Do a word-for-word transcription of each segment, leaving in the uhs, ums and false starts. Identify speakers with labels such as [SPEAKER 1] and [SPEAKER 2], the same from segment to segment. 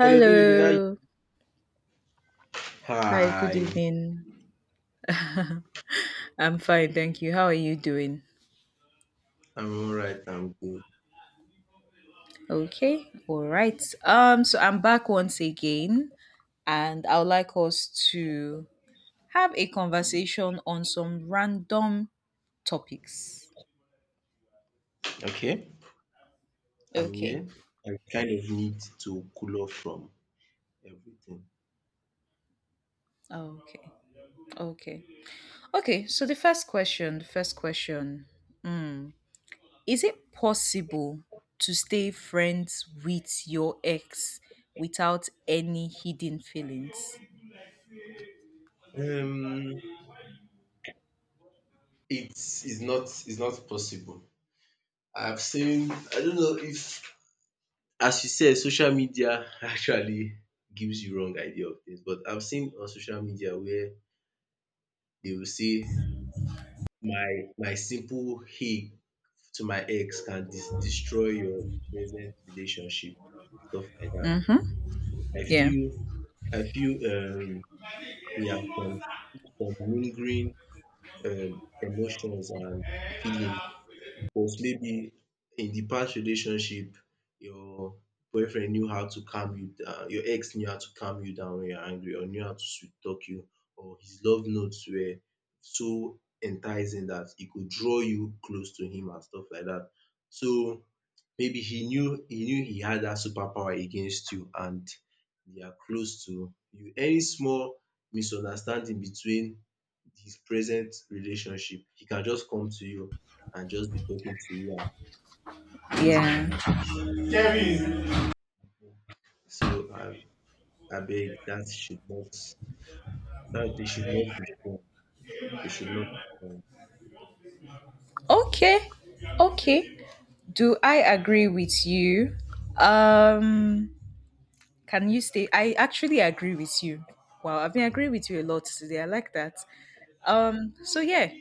[SPEAKER 1] Hello, good evening. How you-
[SPEAKER 2] Hi, good
[SPEAKER 1] Hi,
[SPEAKER 2] evening. I'm fine, thank you. How are you doing?
[SPEAKER 1] I'm all right. I'm good.
[SPEAKER 2] Okay. All right. Um so I'm back once again and I would like us to have a conversation on some random topics.
[SPEAKER 1] Okay, I'm
[SPEAKER 2] Okay.
[SPEAKER 1] here. I kind of need to cool off from everything.
[SPEAKER 2] Okay. Okay. Okay, so the first question, the first question. Mm, is it possible to stay friends with your ex without any hidden feelings?
[SPEAKER 1] Um, it's it's not it's not possible. I've seen. I don't know if, as you said, social media actually gives you wrong idea of things. But I've seen on social media where they will say my my simple hey to my ex can dis- destroy your present relationship, stuff like that.
[SPEAKER 2] Mhm.
[SPEAKER 1] I
[SPEAKER 2] Yeah.
[SPEAKER 1] feel I feel um, he has some, some lingering um, emotions and feelings. Because maybe in the past relationship, your boyfriend knew how to calm you down, your ex knew how to calm you down when you're angry, or knew how to sweet talk you, or his love notes were so enticing that it could draw you close to him and stuff like that. So maybe he knew he knew he had that superpower against you and they are close to you. Any small misunderstanding between this present relationship, he can just come to you and just be talking to you and things might
[SPEAKER 2] Yeah.
[SPEAKER 1] happen. So I I beg that should not that they should not be fun. They should not be fun.
[SPEAKER 2] Okay. Okay. Do I agree with you? Um can you stay I actually agree with you. Wow, I've been agreeing with you a lot today. I like that. Um so yeah,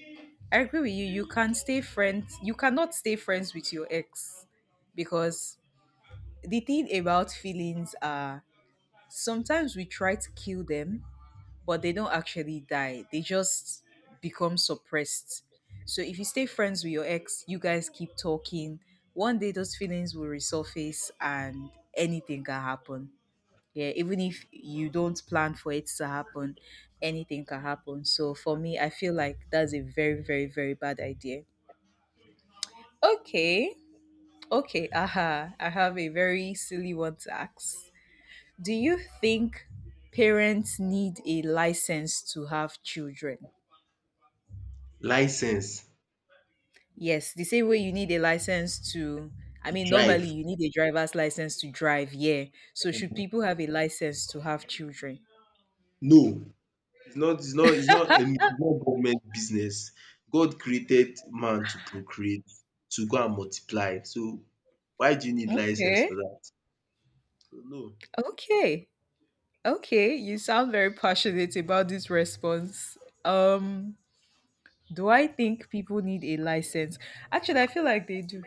[SPEAKER 2] I agree with you. You can stay friends. You cannot stay friends with your ex because the thing about feelings are sometimes we try to kill them, but they don't actually die. They just become suppressed. So if you stay friends with your ex, you guys keep talking. One day those feelings will resurface and anything can happen. Yeah, even if you don't plan for it to happen, anything can happen. So for me, I feel like that's a very, very, very bad idea. Okay. Okay. Aha. I have a very silly one to ask. Do you think parents need a license to have children?
[SPEAKER 1] License
[SPEAKER 2] Yes, the same way you need a license to, I mean, normally
[SPEAKER 1] drive.
[SPEAKER 2] you need a driver's license to drive, yeah. So should people have a license to have children?
[SPEAKER 1] No, it's not it's not it's not any it's not government business. God created man to procreate, to go and multiply. So why do you need license
[SPEAKER 2] Okay,
[SPEAKER 1] for that? So no.
[SPEAKER 2] okay, okay. You sound very passionate about this response. Um, do I think people need a license? Actually, I feel like they do.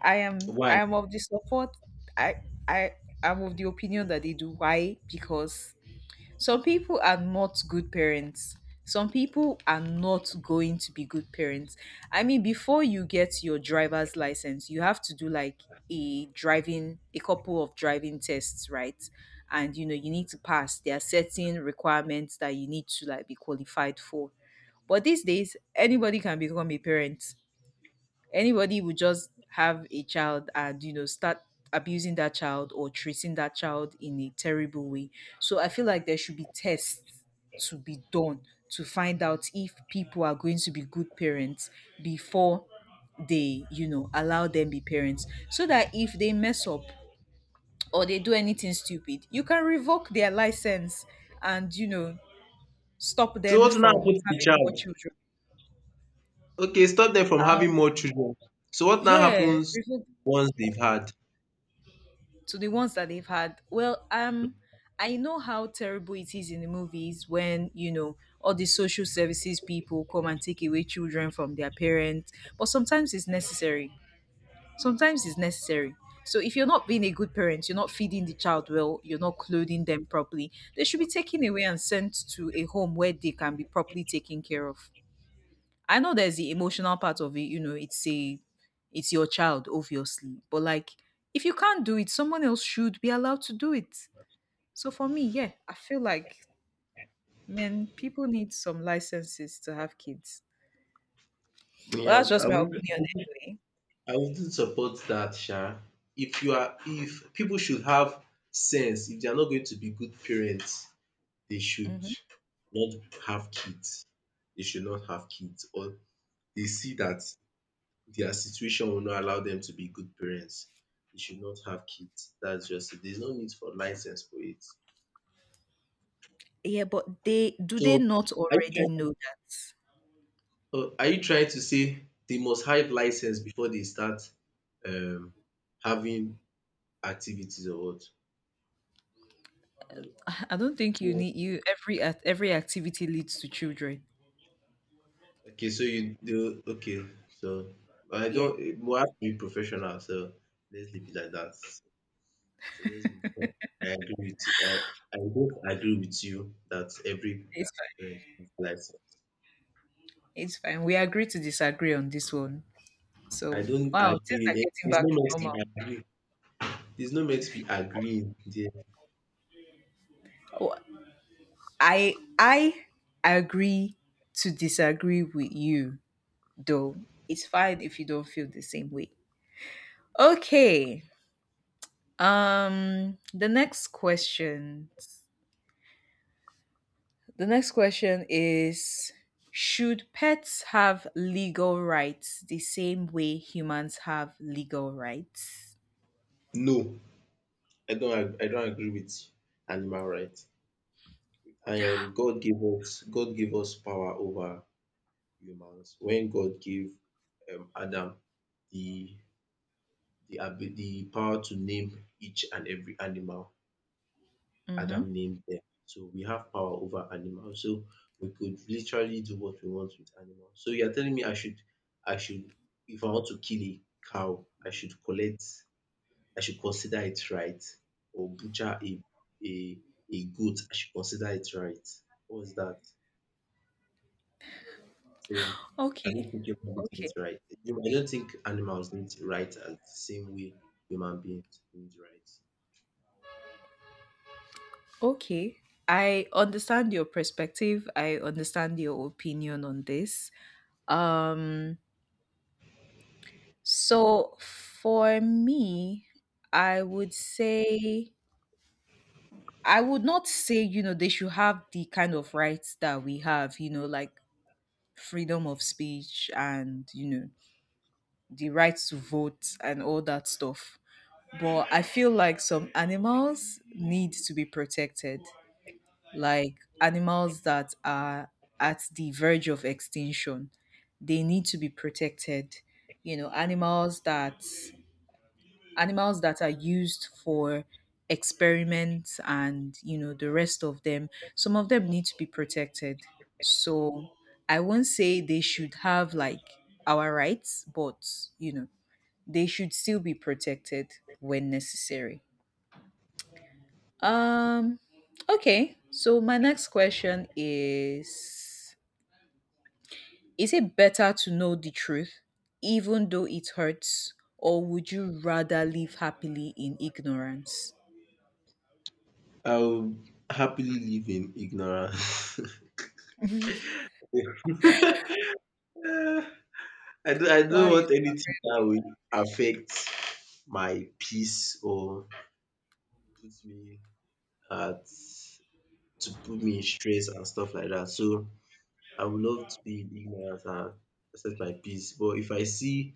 [SPEAKER 2] I am, I
[SPEAKER 1] Why?
[SPEAKER 2] am of the support. I, I, I'm of the opinion that they do. Why? Because some people are not good parents. Some people are not going to be good parents. I mean, before you get your driver's license, you have to do like a driving, a couple of driving tests, right? And you know, you need to pass. There are certain requirements that you need to like be qualified for. But these days, anybody can become a parent, anybody would just have a child and you know start abusing that child or treating that child in a terrible way, so I feel like there should be tests to be done to find out if people are going to be good parents before they, you know, allow them be parents, so that if they mess up or they do anything stupid you can revoke their license and, you know, stop
[SPEAKER 1] So
[SPEAKER 2] them
[SPEAKER 1] what now
[SPEAKER 2] from
[SPEAKER 1] happens to the
[SPEAKER 2] having more
[SPEAKER 1] child?
[SPEAKER 2] children.
[SPEAKER 1] Okay, stop them from having
[SPEAKER 2] um
[SPEAKER 1] more children. So what now
[SPEAKER 2] yeah,
[SPEAKER 1] happens
[SPEAKER 2] revoke
[SPEAKER 1] once they've had?
[SPEAKER 2] to the ones that they've had. Well, um, I know how terrible it is in the movies when, you know, all the social services people come and take away children from their parents, but sometimes it's necessary. Sometimes it's necessary. So if you're not being a good parent, you're not feeding the child well, you're not clothing them properly, they should be taken away and sent to a home where they can be properly taken care of. I know there's the emotional part of it, you know, it's a, it's your child, obviously. But like if you can't do it, someone else should be allowed to do it. So for me, yeah, I feel like man, people need some licenses to have kids. Well,
[SPEAKER 1] Yeah,
[SPEAKER 2] that's just
[SPEAKER 1] I
[SPEAKER 2] my
[SPEAKER 1] would-
[SPEAKER 2] opinion
[SPEAKER 1] not
[SPEAKER 2] anyway.
[SPEAKER 1] I wouldn't support that, Sha. If you are, If people should have sense, if they are not going to be good parents, they should
[SPEAKER 2] Hmm.
[SPEAKER 1] not have kids. They should not have kids, or they see that their situation will not allow them to be good parents. They should not have kids. That's just it. There's no need for license for it.
[SPEAKER 2] Yeah, but they do they
[SPEAKER 1] So,
[SPEAKER 2] not
[SPEAKER 1] are you
[SPEAKER 2] already know
[SPEAKER 1] trying
[SPEAKER 2] that?
[SPEAKER 1] to, uh, are you trying to say they must have license before they start um, having activities or what? No.
[SPEAKER 2] I don't think you
[SPEAKER 1] So
[SPEAKER 2] need you every act- every activity leads to children.
[SPEAKER 1] okay, so you do okay. So I
[SPEAKER 2] Yeah,
[SPEAKER 1] don't. We have to be professional. So let's leave it like that. So let's move on. I agree with. I I both agree with you that every
[SPEAKER 2] it's fine.
[SPEAKER 1] parent has license.
[SPEAKER 2] It's fine. We agree to disagree on this one.
[SPEAKER 1] I
[SPEAKER 2] So
[SPEAKER 1] don't
[SPEAKER 2] wow, things
[SPEAKER 1] agree.
[SPEAKER 2] are
[SPEAKER 1] There-
[SPEAKER 2] getting
[SPEAKER 1] There's no
[SPEAKER 2] back to
[SPEAKER 1] meant to
[SPEAKER 2] normal.
[SPEAKER 1] be agree. There's no meant to be agreeing there.
[SPEAKER 2] Oh, I I agree to disagree with you though. It's fine if you don't feel the same way. Okay. Um the next question. The next question is, should pets have legal rights the same way humans have legal rights?
[SPEAKER 1] No, I don't. ag- I don't agree with animal rights. I am. God gave us. God gave us power over humans. When God gave um, Adam the the abi the power to name each and every animal. Adam
[SPEAKER 2] Mhm.
[SPEAKER 1] named them. So we have power over animals. So we could literally do what we want with animals. So you're telling me I should I should if I want to kill a cow, I should collect I should consider it right, or butcher a a a goat, I should consider it right. What's that? So I
[SPEAKER 2] Okay.
[SPEAKER 1] don't think human
[SPEAKER 2] Okay.
[SPEAKER 1] beings right. I don't think animals need right at the same way human beings need right.
[SPEAKER 2] Okay. I understand your perspective. I understand your opinion on this. Um So for me, I would say, I would not say, you know, they should have the kind of rights that we have, you know, like freedom of speech and, you know, the right to vote and all that stuff. But I feel like some animals need to be protected, like animals that are at the verge of extinction. They need to be protected. You know, animals that animals that are used for experiments and, you know, the rest of them, some of them need to be protected. So I won't say they should have like our rights, but you know, they should still be protected when necessary. um okay, so my next question is is it better to know the truth even though it hurts, or would you rather live happily in ignorance?
[SPEAKER 1] I will happily live in ignorance. I don't, I
[SPEAKER 2] Why?
[SPEAKER 1] don't want
[SPEAKER 2] is-
[SPEAKER 1] anything that will affect my peace or put me at to put me in stress and stuff like that. So I would love to be in ignorance and accept my peace. But if I see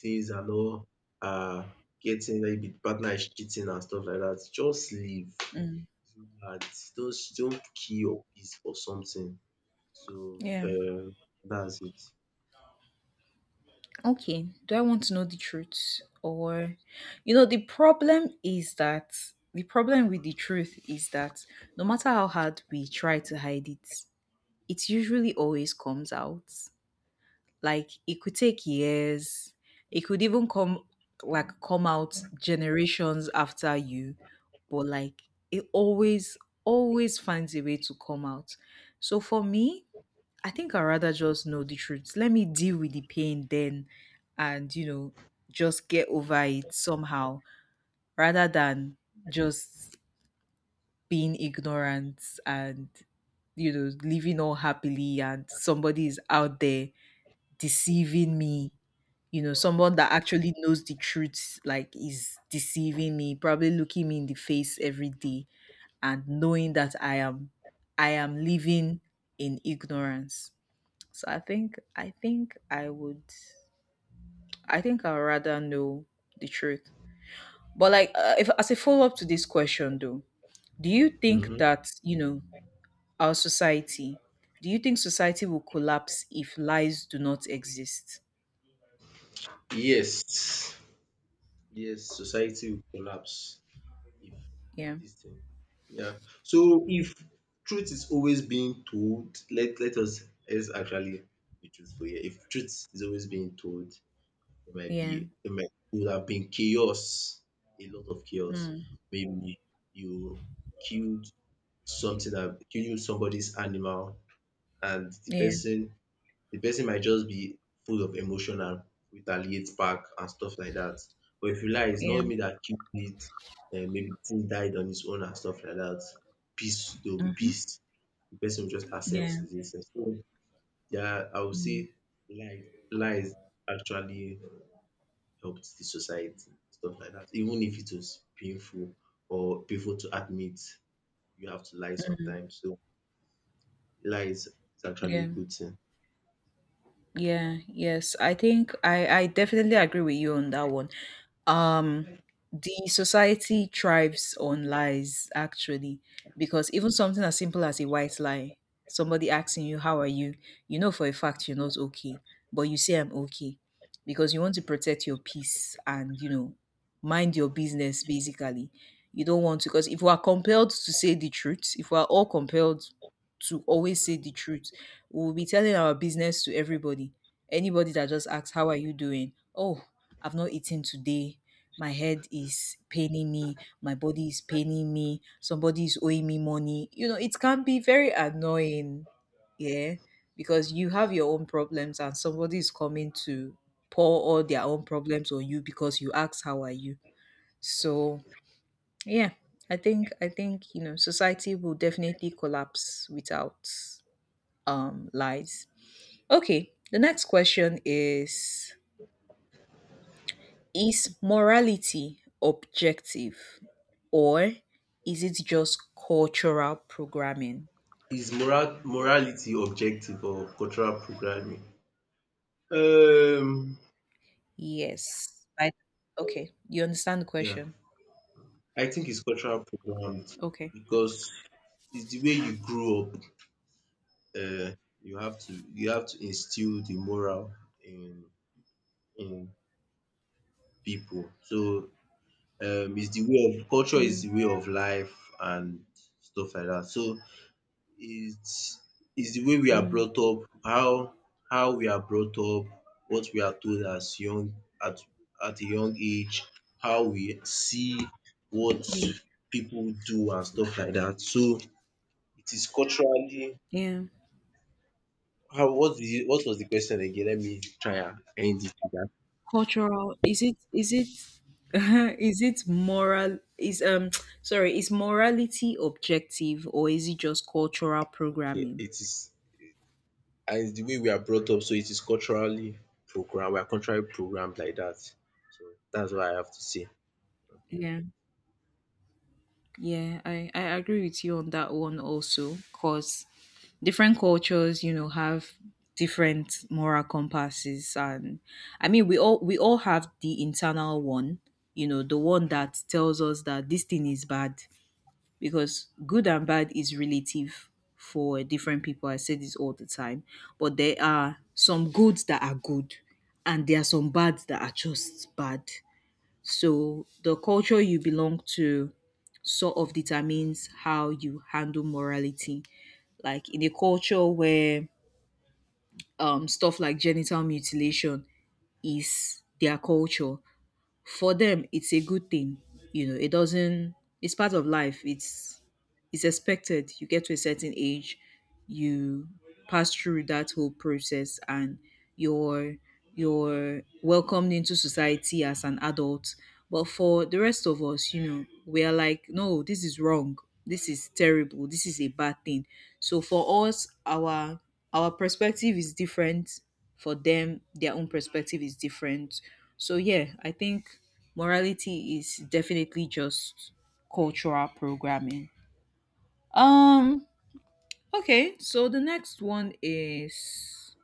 [SPEAKER 1] things and all uh getting, maybe the partner is cheating and stuff like that, just leave.
[SPEAKER 2] Mm,
[SPEAKER 1] It's not hard. Don't don't kill your peace for something. So,
[SPEAKER 2] yeah.
[SPEAKER 1] um, that's it.
[SPEAKER 2] Okay. Do I want to know the truth? Or, you know, the problem is that the problem with the truth is that no matter how hard we try to hide it, it usually always comes out. Like, it could take years, it could even come, like, come out generations after you, but like, it always, always finds a way to come out. So for me, I think I'd rather just know the truth. Let me deal with the pain then and, you know, just get over it somehow rather than just being ignorant and, you know, living all happily and somebody is out there deceiving me. You know, someone that actually knows the truth, like, is deceiving me, probably looking me in the face every day and knowing that I am, I am living in ignorance. So I think I think I would I think I'd rather know the truth. But like uh, if as a follow up to this question though, do you think
[SPEAKER 1] Mhm.
[SPEAKER 2] that, you know, our society, do you think society will collapse if lies do not exist?
[SPEAKER 1] Yes, yes, society will collapse if
[SPEAKER 2] Yeah.
[SPEAKER 1] this thing. Yeah. So if truth is always being told, let let us let's actually be truthful here. If truth is always being told, it might
[SPEAKER 2] Yeah.
[SPEAKER 1] be it might it would have been chaos, a lot of chaos.
[SPEAKER 2] Mm.
[SPEAKER 1] Maybe you killed something that killed somebody's animal, and the
[SPEAKER 2] Yeah.
[SPEAKER 1] person the person might just be full of emotion and retaliate back and stuff like that. But if you lie, it's
[SPEAKER 2] Yeah.
[SPEAKER 1] not me that killed it. Um, maybe the thing died on its own and stuff like that. Peace, there will be peace. The person will just accept
[SPEAKER 2] Yeah.
[SPEAKER 1] this. So, yeah, I would
[SPEAKER 2] Mm.
[SPEAKER 1] say lie, lies actually helped the society, stuff like that. Even if it was painful or painful to admit, you have to lie sometimes. So lies is actually a
[SPEAKER 2] Yeah.
[SPEAKER 1] good thing.
[SPEAKER 2] Yeah, yes. I think I I definitely agree with you on that one. Um the society thrives on lies actually, because even something as simple as a white lie, somebody asking you how are you, you know for a fact you're not okay, but you say I'm okay because you want to protect your peace and you know mind your business basically. You don't want to because if we are compelled to say the truth, if we are all compelled to always say the truth, we'll be telling our business to everybody. Anybody that just asks, how are you doing? Oh, I've not eaten today. My head is paining me. My body is paining me. Somebody is owing me money. You know, it can be very annoying. Yeah. Because you have your own problems and somebody is coming to pour all their own problems on you because you asked, how are you? So, yeah. I think I think you know society will definitely collapse without um lies. Okay, the next question is Is morality objective or is it just cultural programming?
[SPEAKER 1] Is moral morality objective or cultural programming? Um,
[SPEAKER 2] Yes. I, okay, you understand the
[SPEAKER 1] yeah,
[SPEAKER 2] question?
[SPEAKER 1] I think it's cultural programmed
[SPEAKER 2] Okay.
[SPEAKER 1] because it's the way you grew up. Uh, you have to you have to instill the moral in in people. So um, it's the way of culture, is
[SPEAKER 2] Mm,
[SPEAKER 1] the way of life and stuff like that. So It is is the way we are
[SPEAKER 2] mm.
[SPEAKER 1] brought up, how how we are brought up, what we are told as young at at a young age, how we see what
[SPEAKER 2] Yeah.
[SPEAKER 1] people do and stuff like that. So it is culturally.
[SPEAKER 2] Yeah.
[SPEAKER 1] How what the What was the question again? Let me try and end it with that.
[SPEAKER 2] Cultural is it is it is it moral is um sorry, is morality objective or is it just cultural
[SPEAKER 1] Okay,
[SPEAKER 2] programming?
[SPEAKER 1] it is, and it's the way we are brought up, so it is culturally programmed. We are culturally programmed like that. So that's what I have to say.
[SPEAKER 2] Yeah. Yeah, I, I agree with you on that one also, because different cultures, you know, have different moral compasses, and I mean we all we all have the internal one, you know, the one that tells us that this thing is bad, because good and bad is relative for different people. I say this all the time. But there are some goods that are good and there are some bads that are just bad, so the culture you belong to sort of determines how you handle morality. Like in a culture where um, stuff like genital mutilation is their culture, for them it's a good thing. You know, it doesn't, it's part of life, it's it's expected. You get to a certain age, you pass through that whole process, and you're you're welcomed into society as an adult. But for the rest of us, you know, we are like, no, this is wrong, this is terrible, this is a bad thing. So for us, our our perspective is different, for them their own perspective is different. So yeah, I think morality is definitely just cultural programming. um okay, so the next one is,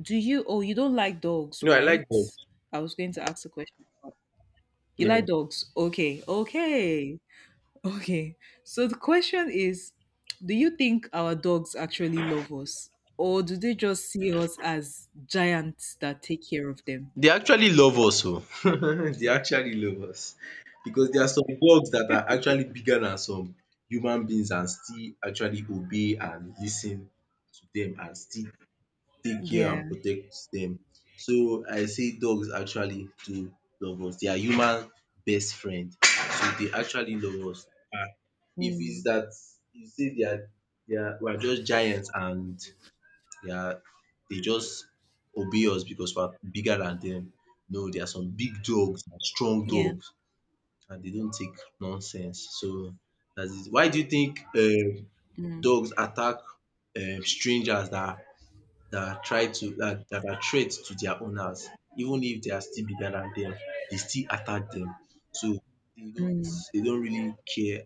[SPEAKER 2] do you, oh, you don't like dogs,
[SPEAKER 1] No, I like both.
[SPEAKER 2] right? I was going to ask a question. You like
[SPEAKER 1] Yeah.
[SPEAKER 2] dogs, okay, okay, okay. So the question is, do you think our dogs actually love us, or do they just see us as giants that take care of them?
[SPEAKER 1] They actually love us oh. They actually love us because there are some dogs that are actually bigger than some human beings and still actually obey and listen to them and still take care
[SPEAKER 2] Yeah.
[SPEAKER 1] and protect them. So I say dogs actually do love us. They are human best friend. So they actually love us. And if it's
[SPEAKER 2] Mm.
[SPEAKER 1] that you say they are they are we are just giants and yeah, they just obey us because we are bigger than them. No, there are some big dogs, strong
[SPEAKER 2] Yeah.
[SPEAKER 1] dogs, and they don't take nonsense. So that is why do you think um
[SPEAKER 2] Mm.
[SPEAKER 1] dogs attack um strangers that that try to that, that are threats to their owners? Even if they are still bigger than them, they still attack them. So they don't
[SPEAKER 2] Mm.
[SPEAKER 1] they don't really care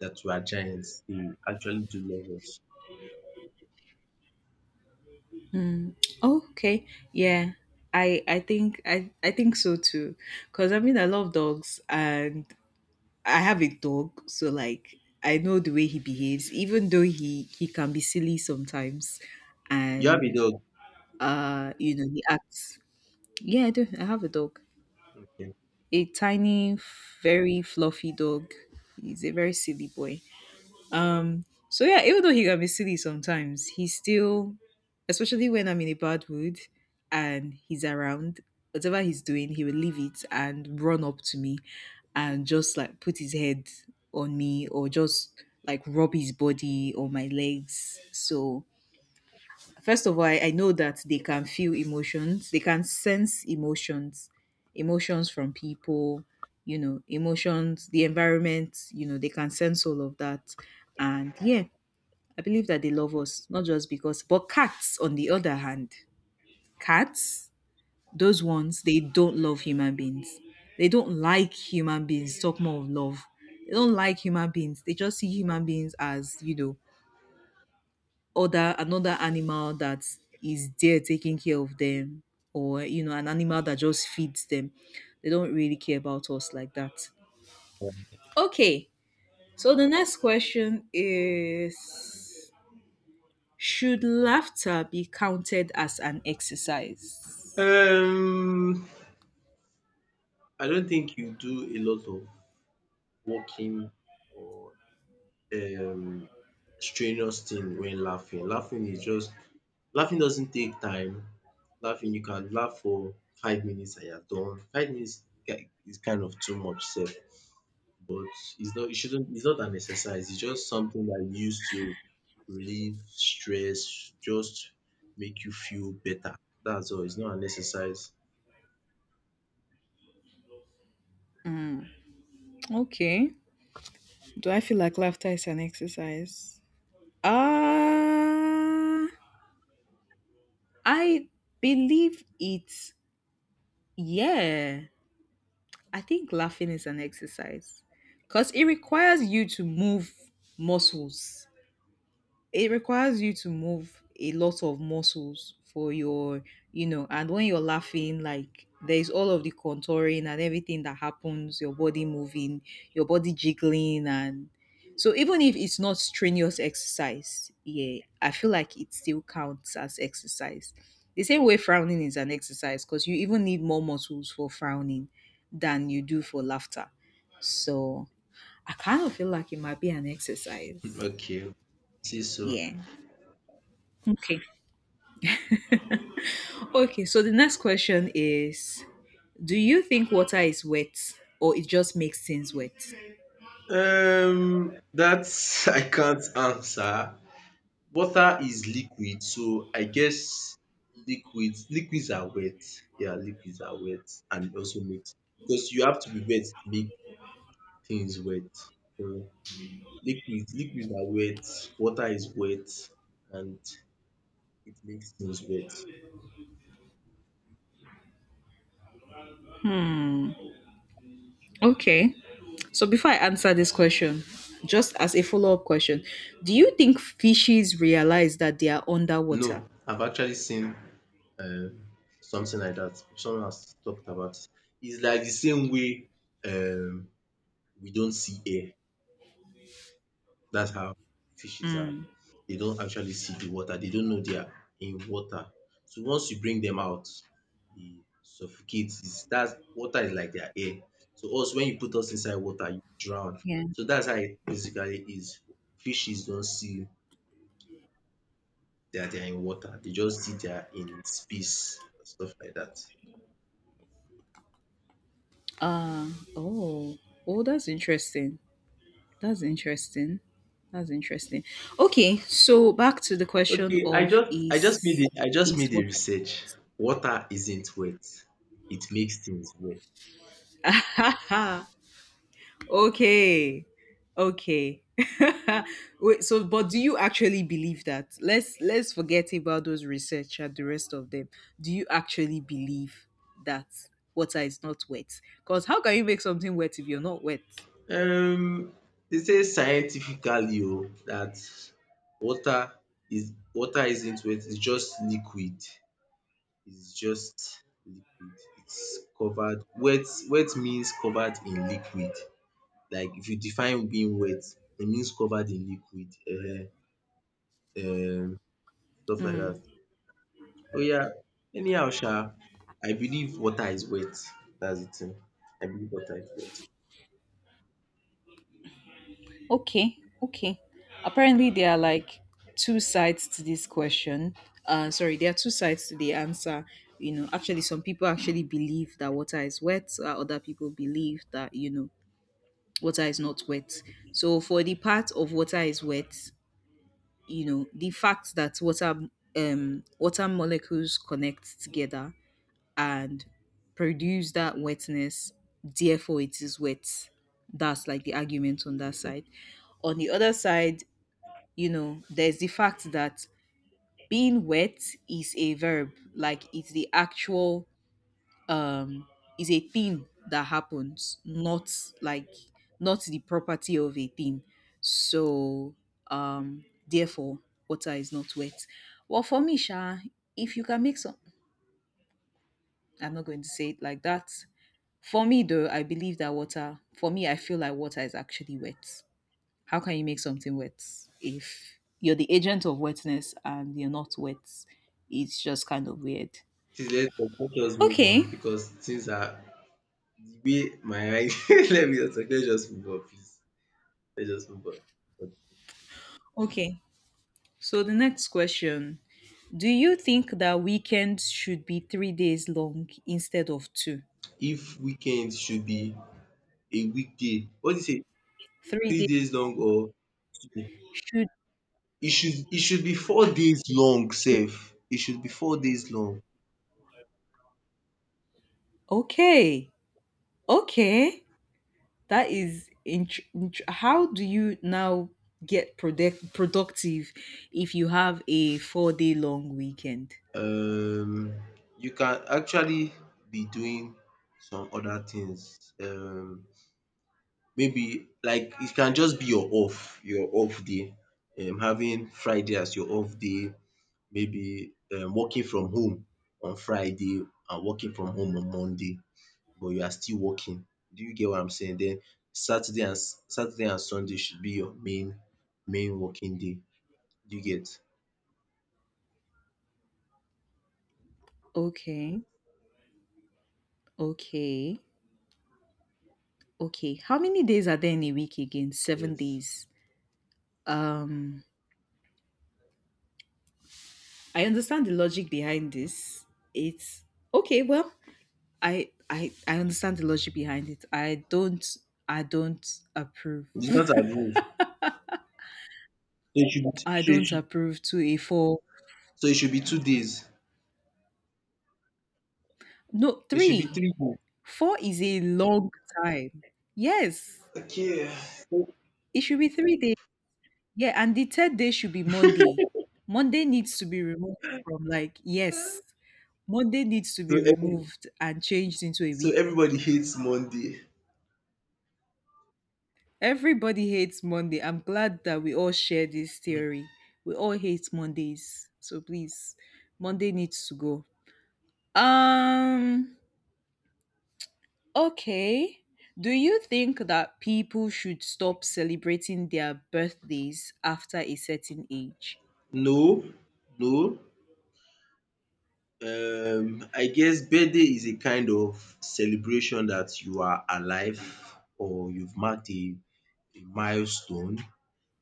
[SPEAKER 1] that we are giants. They actually do love us.
[SPEAKER 2] Oh, okay. Yeah. I I think I I think so too. Cause I mean I love dogs and I have a dog, so like I know the way he behaves, even though he he can be silly sometimes,
[SPEAKER 1] You have a
[SPEAKER 2] and
[SPEAKER 1] dog?
[SPEAKER 2] uh you know he acts. Yeah, I do. I have a dog,
[SPEAKER 1] Okay.
[SPEAKER 2] a tiny, very fluffy dog. He's a very silly boy. So yeah, even though he can be silly sometimes, he's still, especially when I'm in a bad mood and he's around, whatever he's doing, he will leave it and run up to me and just like put his head on me or just like rub his body or my legs. So first of all, I, I know that they can feel emotions, they can sense emotions, emotions from people, you know, emotions, the environment, you know, they can sense all of that. And yeah, I believe that they love us, not just because. But cats, on the other hand, cats, those ones, they don't love human beings. They don't like human beings. Talk more of love. They don't like human beings. They just see human beings as, you know, other another animal that is there taking care of them, or you know, an animal that just feeds them. They don't really care about us like that. Okay. So the next question is, should laughter be counted as an exercise?
[SPEAKER 1] Um I don't think you do a lot of walking or um strenuous thing when laughing. Laughing is just Laughing doesn't take time. Laughing, you can laugh for five minutes and you're done. Five minutes ki- is kind of too much sef, but it's not it shouldn't it's not an exercise. It's just something that you use to relieve stress, just make you feel better. That's all. It's not an exercise.
[SPEAKER 2] Okay. Do I feel like laughter is an exercise? Uh, I believe it's, yeah. I think laughing is an exercise because it requires you to move muscles. It requires you to move a lot of muscles for your, you know. And when you're laughing, like there's all of the contouring and everything that happens, your body moving, your body jiggling, and so even if it's not strenuous exercise, yeah, I feel like it still counts as exercise. The same way frowning is an exercise, because you even need more muscles for frowning than you do for laughter. So I kind of feel like it might be an exercise.
[SPEAKER 1] Okay. See so.
[SPEAKER 2] Yeah. Okay. Okay, so the next question is, do you think water is wet or it just makes things wet?
[SPEAKER 1] Um, that I can't answer. Water is liquid, so I guess liquids liquids are wet. Yeah, liquids are wet, and it also makes, because you have to be wet to make things wet. So liquids liquids are wet, water is wet, and it makes things wet.
[SPEAKER 2] Hmm. Okay. So before I answer this question, just as a follow up question, do you think fishes realize that they are underwater?
[SPEAKER 1] No, I've actually seen um something like that. Someone has talked about it. It's like the same way um we don't see air. That's how fishes are.
[SPEAKER 2] Hmm.
[SPEAKER 1] They don't actually see the water. They don't know they are in water. So once you bring them out, they suffocate. It's, that's water is like their air. So us, when you put us inside water, you drown.
[SPEAKER 2] Yeah.
[SPEAKER 1] So that's how it basically is. Fishes don't see that they are in water. They just see they are in space and stuff like that.
[SPEAKER 2] Uh, oh. Oh, that's interesting. That's interesting. That's interesting. Okay, so back to the question
[SPEAKER 1] Okay, I
[SPEAKER 2] of
[SPEAKER 1] just I just made
[SPEAKER 2] is
[SPEAKER 1] it. I just
[SPEAKER 2] is
[SPEAKER 1] made a
[SPEAKER 2] water
[SPEAKER 1] research. Water isn't wet. It makes things wet. Yes.
[SPEAKER 2] okay. Okay. Wait, so but do you actually believe that? Let's let's forget about those research and the rest of them. Do you actually believe that water is not wet? Because how can you make something wet if you're not wet?
[SPEAKER 1] um dey say scientifically o that water is water isn't wet, it's just liquid. It's just liquid. It's covered wet wet means covered in liquid. Like if you define being wet, it means covered in liquid, um um stuff like that. Oh yeah. Anyhow sha, I believe water is wet. That's de thing. I believe water is wet.
[SPEAKER 2] Okay, okay. Apparently, there are like two sides to this question. Uh, sorry, there are two sides to the answer. You know, actually, some people actually believe that water is wet. Uh, other people believe that, you know, water is not wet. So for the part of water is wet, you know, the fact that water um water molecules connect together and produce that wetness, therefore it is wet. That's like the argument on that side. On the other side, you know, there's the fact that being wet is a verb, like it's the actual um is a thing that happens, not like, not the property of a thing. So um therefore water is not wet. Well, for me sha, if you can make some, I'm not going to say it like that. For me though, I believe that water, for me, I feel like water is actually wet. How can you make something wet if you're the agent of wetness and you're not wet? It's just kind of weird.
[SPEAKER 1] Please let's let's move
[SPEAKER 2] Okay,
[SPEAKER 1] on because things are the way my eye. Let me just let's just move on please, let's just move on.
[SPEAKER 2] okay. So the next question, do you think that weekends should be three days long instead of two?
[SPEAKER 1] If weekend should be a weekday, what do you say,
[SPEAKER 2] Three
[SPEAKER 1] three
[SPEAKER 2] days
[SPEAKER 1] days long
[SPEAKER 2] long,
[SPEAKER 1] or two days?
[SPEAKER 2] should,
[SPEAKER 1] it should it should be four days long
[SPEAKER 2] should
[SPEAKER 1] Safe. It should be four days long.
[SPEAKER 2] okay, okay. That is int- int- how do you now get product- productive if you have a four day long weekend?
[SPEAKER 1] Um you can actually be doing some other things. Um maybe like it can just be your off, your off day. Um having Friday as your off day, maybe um working from home on Friday and working from home on Monday, but you are still working. Do you get what I'm saying? Then Saturday and S- Saturday and Sunday should be your main main working day. Do you get?
[SPEAKER 2] Okay, okay, okay. How many days are there in a week again? Seven
[SPEAKER 1] Yes.
[SPEAKER 2] days. Um, I understand the logic behind this. It's okay, well, I I I understand the logic behind it. I don't I don't approve.
[SPEAKER 1] It's not a rule. So it should be
[SPEAKER 2] I
[SPEAKER 1] so it
[SPEAKER 2] don't
[SPEAKER 1] should
[SPEAKER 2] approve to a four.
[SPEAKER 1] so it should be two days.
[SPEAKER 2] No,
[SPEAKER 1] It should be
[SPEAKER 2] three.
[SPEAKER 1] three days.
[SPEAKER 2] Four is a long time. Yes.
[SPEAKER 1] Okay.
[SPEAKER 2] It should be three days. Yeah, and the third day should be Monday. Monday needs to be removed from, like, yes. Monday needs to
[SPEAKER 1] So
[SPEAKER 2] be
[SPEAKER 1] every
[SPEAKER 2] removed and changed into a
[SPEAKER 1] so
[SPEAKER 2] week.
[SPEAKER 1] everybody hates Monday.
[SPEAKER 2] Everybody hates Monday. I'm glad that we all share this theory. We all hate Mondays. So please, Monday needs to go. Um, okay. Do you think that people should stop celebrating their birthdays after a certain age?
[SPEAKER 1] No, no. um I guess birthday is a kind of celebration that you are alive, or you've marked a a milestone,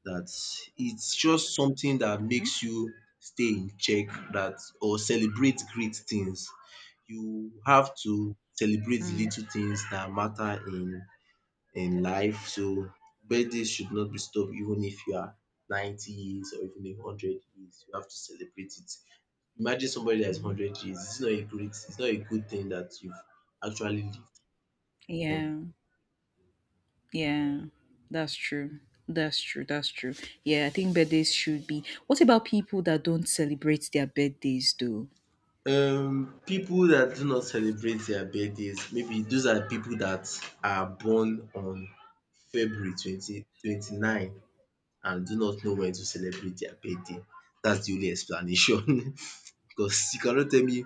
[SPEAKER 1] that it's just something that
[SPEAKER 2] Mhm.
[SPEAKER 1] makes you stay in check, that or celebrate great things. You have to celebrate the
[SPEAKER 2] Mm,
[SPEAKER 1] little things that matter in in life. So birthdays should not be stopped even if you are ninety years or even a hundred years. You have to celebrate it. Imagine somebody that is hundred years. It's not a great, it's not a good thing that you've actually lived. Yeah.
[SPEAKER 2] yeah, yeah, that's true. That's true. That's true. Yeah, I think birthdays should be. What about people that don't celebrate their birthdays though?
[SPEAKER 1] Um, people that do not celebrate their birthdays, maybe those are people that are born on February twenty twenty-nine and do not know when to celebrate their birthday. That's the only explanation, because you cannot tell me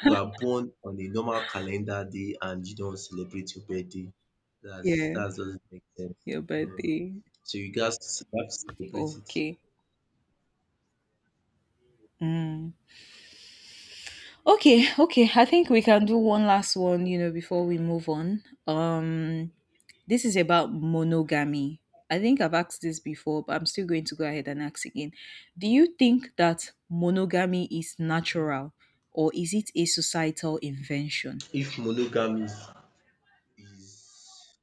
[SPEAKER 1] you are born on a normal calendar day and you don't celebrate your birthday. That's
[SPEAKER 2] Yeah,
[SPEAKER 1] that doesn't make sense.
[SPEAKER 2] your
[SPEAKER 1] Ehen.
[SPEAKER 2] birthday.
[SPEAKER 1] So you gat to have to celebrate it.
[SPEAKER 2] Okay. Mm. Okay, okay. I think we can do one last one, you know, before we move on. Um, this is about monogamy. I think I've asked this before, but I'm still going to go ahead and ask again. Do you think that monogamy is natural or is it a societal invention?
[SPEAKER 1] If monogamy is is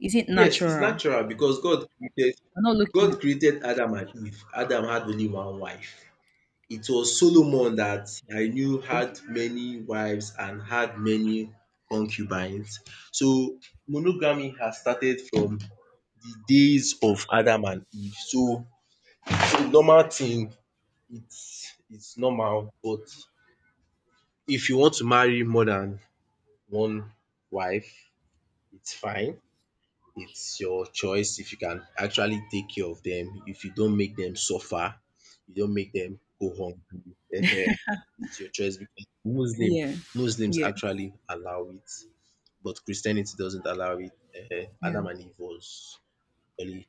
[SPEAKER 2] Is it
[SPEAKER 1] yes, it's
[SPEAKER 2] natural?
[SPEAKER 1] natural, because God created
[SPEAKER 2] I'm not looking at,
[SPEAKER 1] God created Adam and Eve. Adam had only one wife. It was Solomon that I knew
[SPEAKER 2] okay.
[SPEAKER 1] had many wives and had many concubines. So monogamy has started from the days of Adam and Eve. So normal thing, it's it's normal, but if you want to marry more than one wife, it's fine. It's your choice if you can actually take care of them, if you don't make them suffer, you don't make them go hungry um. It's your choice because Muslim
[SPEAKER 2] Yeah.
[SPEAKER 1] Muslims
[SPEAKER 2] Yes.
[SPEAKER 1] actually allow it, but Christianity doesn't allow it um.
[SPEAKER 2] Yeah.
[SPEAKER 1] Adam and Eve was only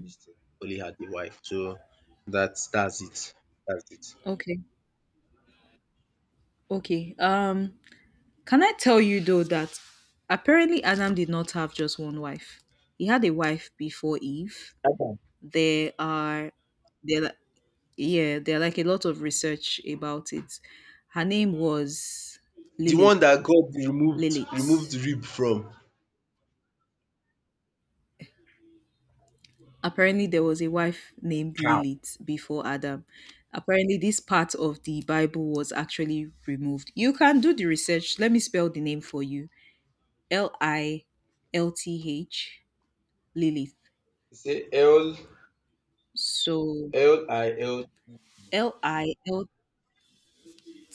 [SPEAKER 1] dis thing, only had a wife, so that's that's it, that's it.
[SPEAKER 2] Okay. Okay. Um, can I tell you though that apparently Adam did not have just one wife? He had a wife before Eve. There are, there li- yeah, there are like a lot of research about it. Her name was
[SPEAKER 1] The one
[SPEAKER 2] Lilith.
[SPEAKER 1] that God removed removed
[SPEAKER 2] Lilith.
[SPEAKER 1] rib from.
[SPEAKER 2] Apparently there was a wife named
[SPEAKER 1] How?
[SPEAKER 2] Lilith before Adam. Apparently this part of the Bible was actually removed. You can do the research. Let me spell the name for you. L I L T H, Lilith.
[SPEAKER 1] He said, "El,
[SPEAKER 2] So L I L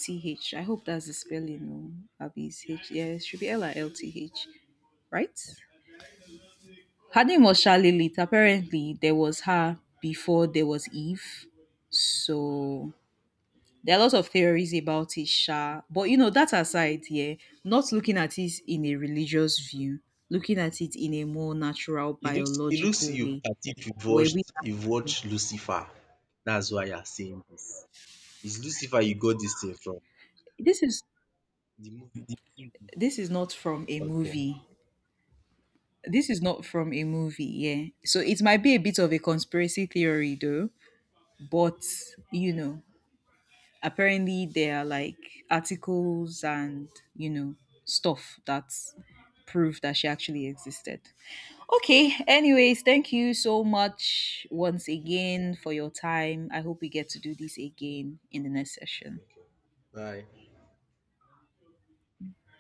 [SPEAKER 2] T H. I hope that's the spelling. No, Abby's H. Yeah, it should be L I L T H, right? Her name was Charlilit. Apparently, there was her before there was Eve. So there are lots of theories about it, sha. But you know, that aside, yeah, not looking at it in a religious view, looking at it in a more natural,
[SPEAKER 1] It looks, it looks
[SPEAKER 2] biological
[SPEAKER 1] you
[SPEAKER 2] way,
[SPEAKER 1] that if you've
[SPEAKER 2] where
[SPEAKER 1] watched,
[SPEAKER 2] we
[SPEAKER 1] you've
[SPEAKER 2] actually,
[SPEAKER 1] watched Lucifer. That's why you're saying this. It's Lucifer you got this thing from.
[SPEAKER 2] this is,
[SPEAKER 1] The movie, the T V.
[SPEAKER 2] this is not from a
[SPEAKER 1] Okay.
[SPEAKER 2] movie. This is not from a movie, yeah. So it might be a bit of a conspiracy theory though, but you know, apparently there are like articles and, you know, stuff that prove that she actually existed. Okay, anyways, thank you so much once again for your time. I hope we get to do this again in the next session.
[SPEAKER 1] Okay. Bye.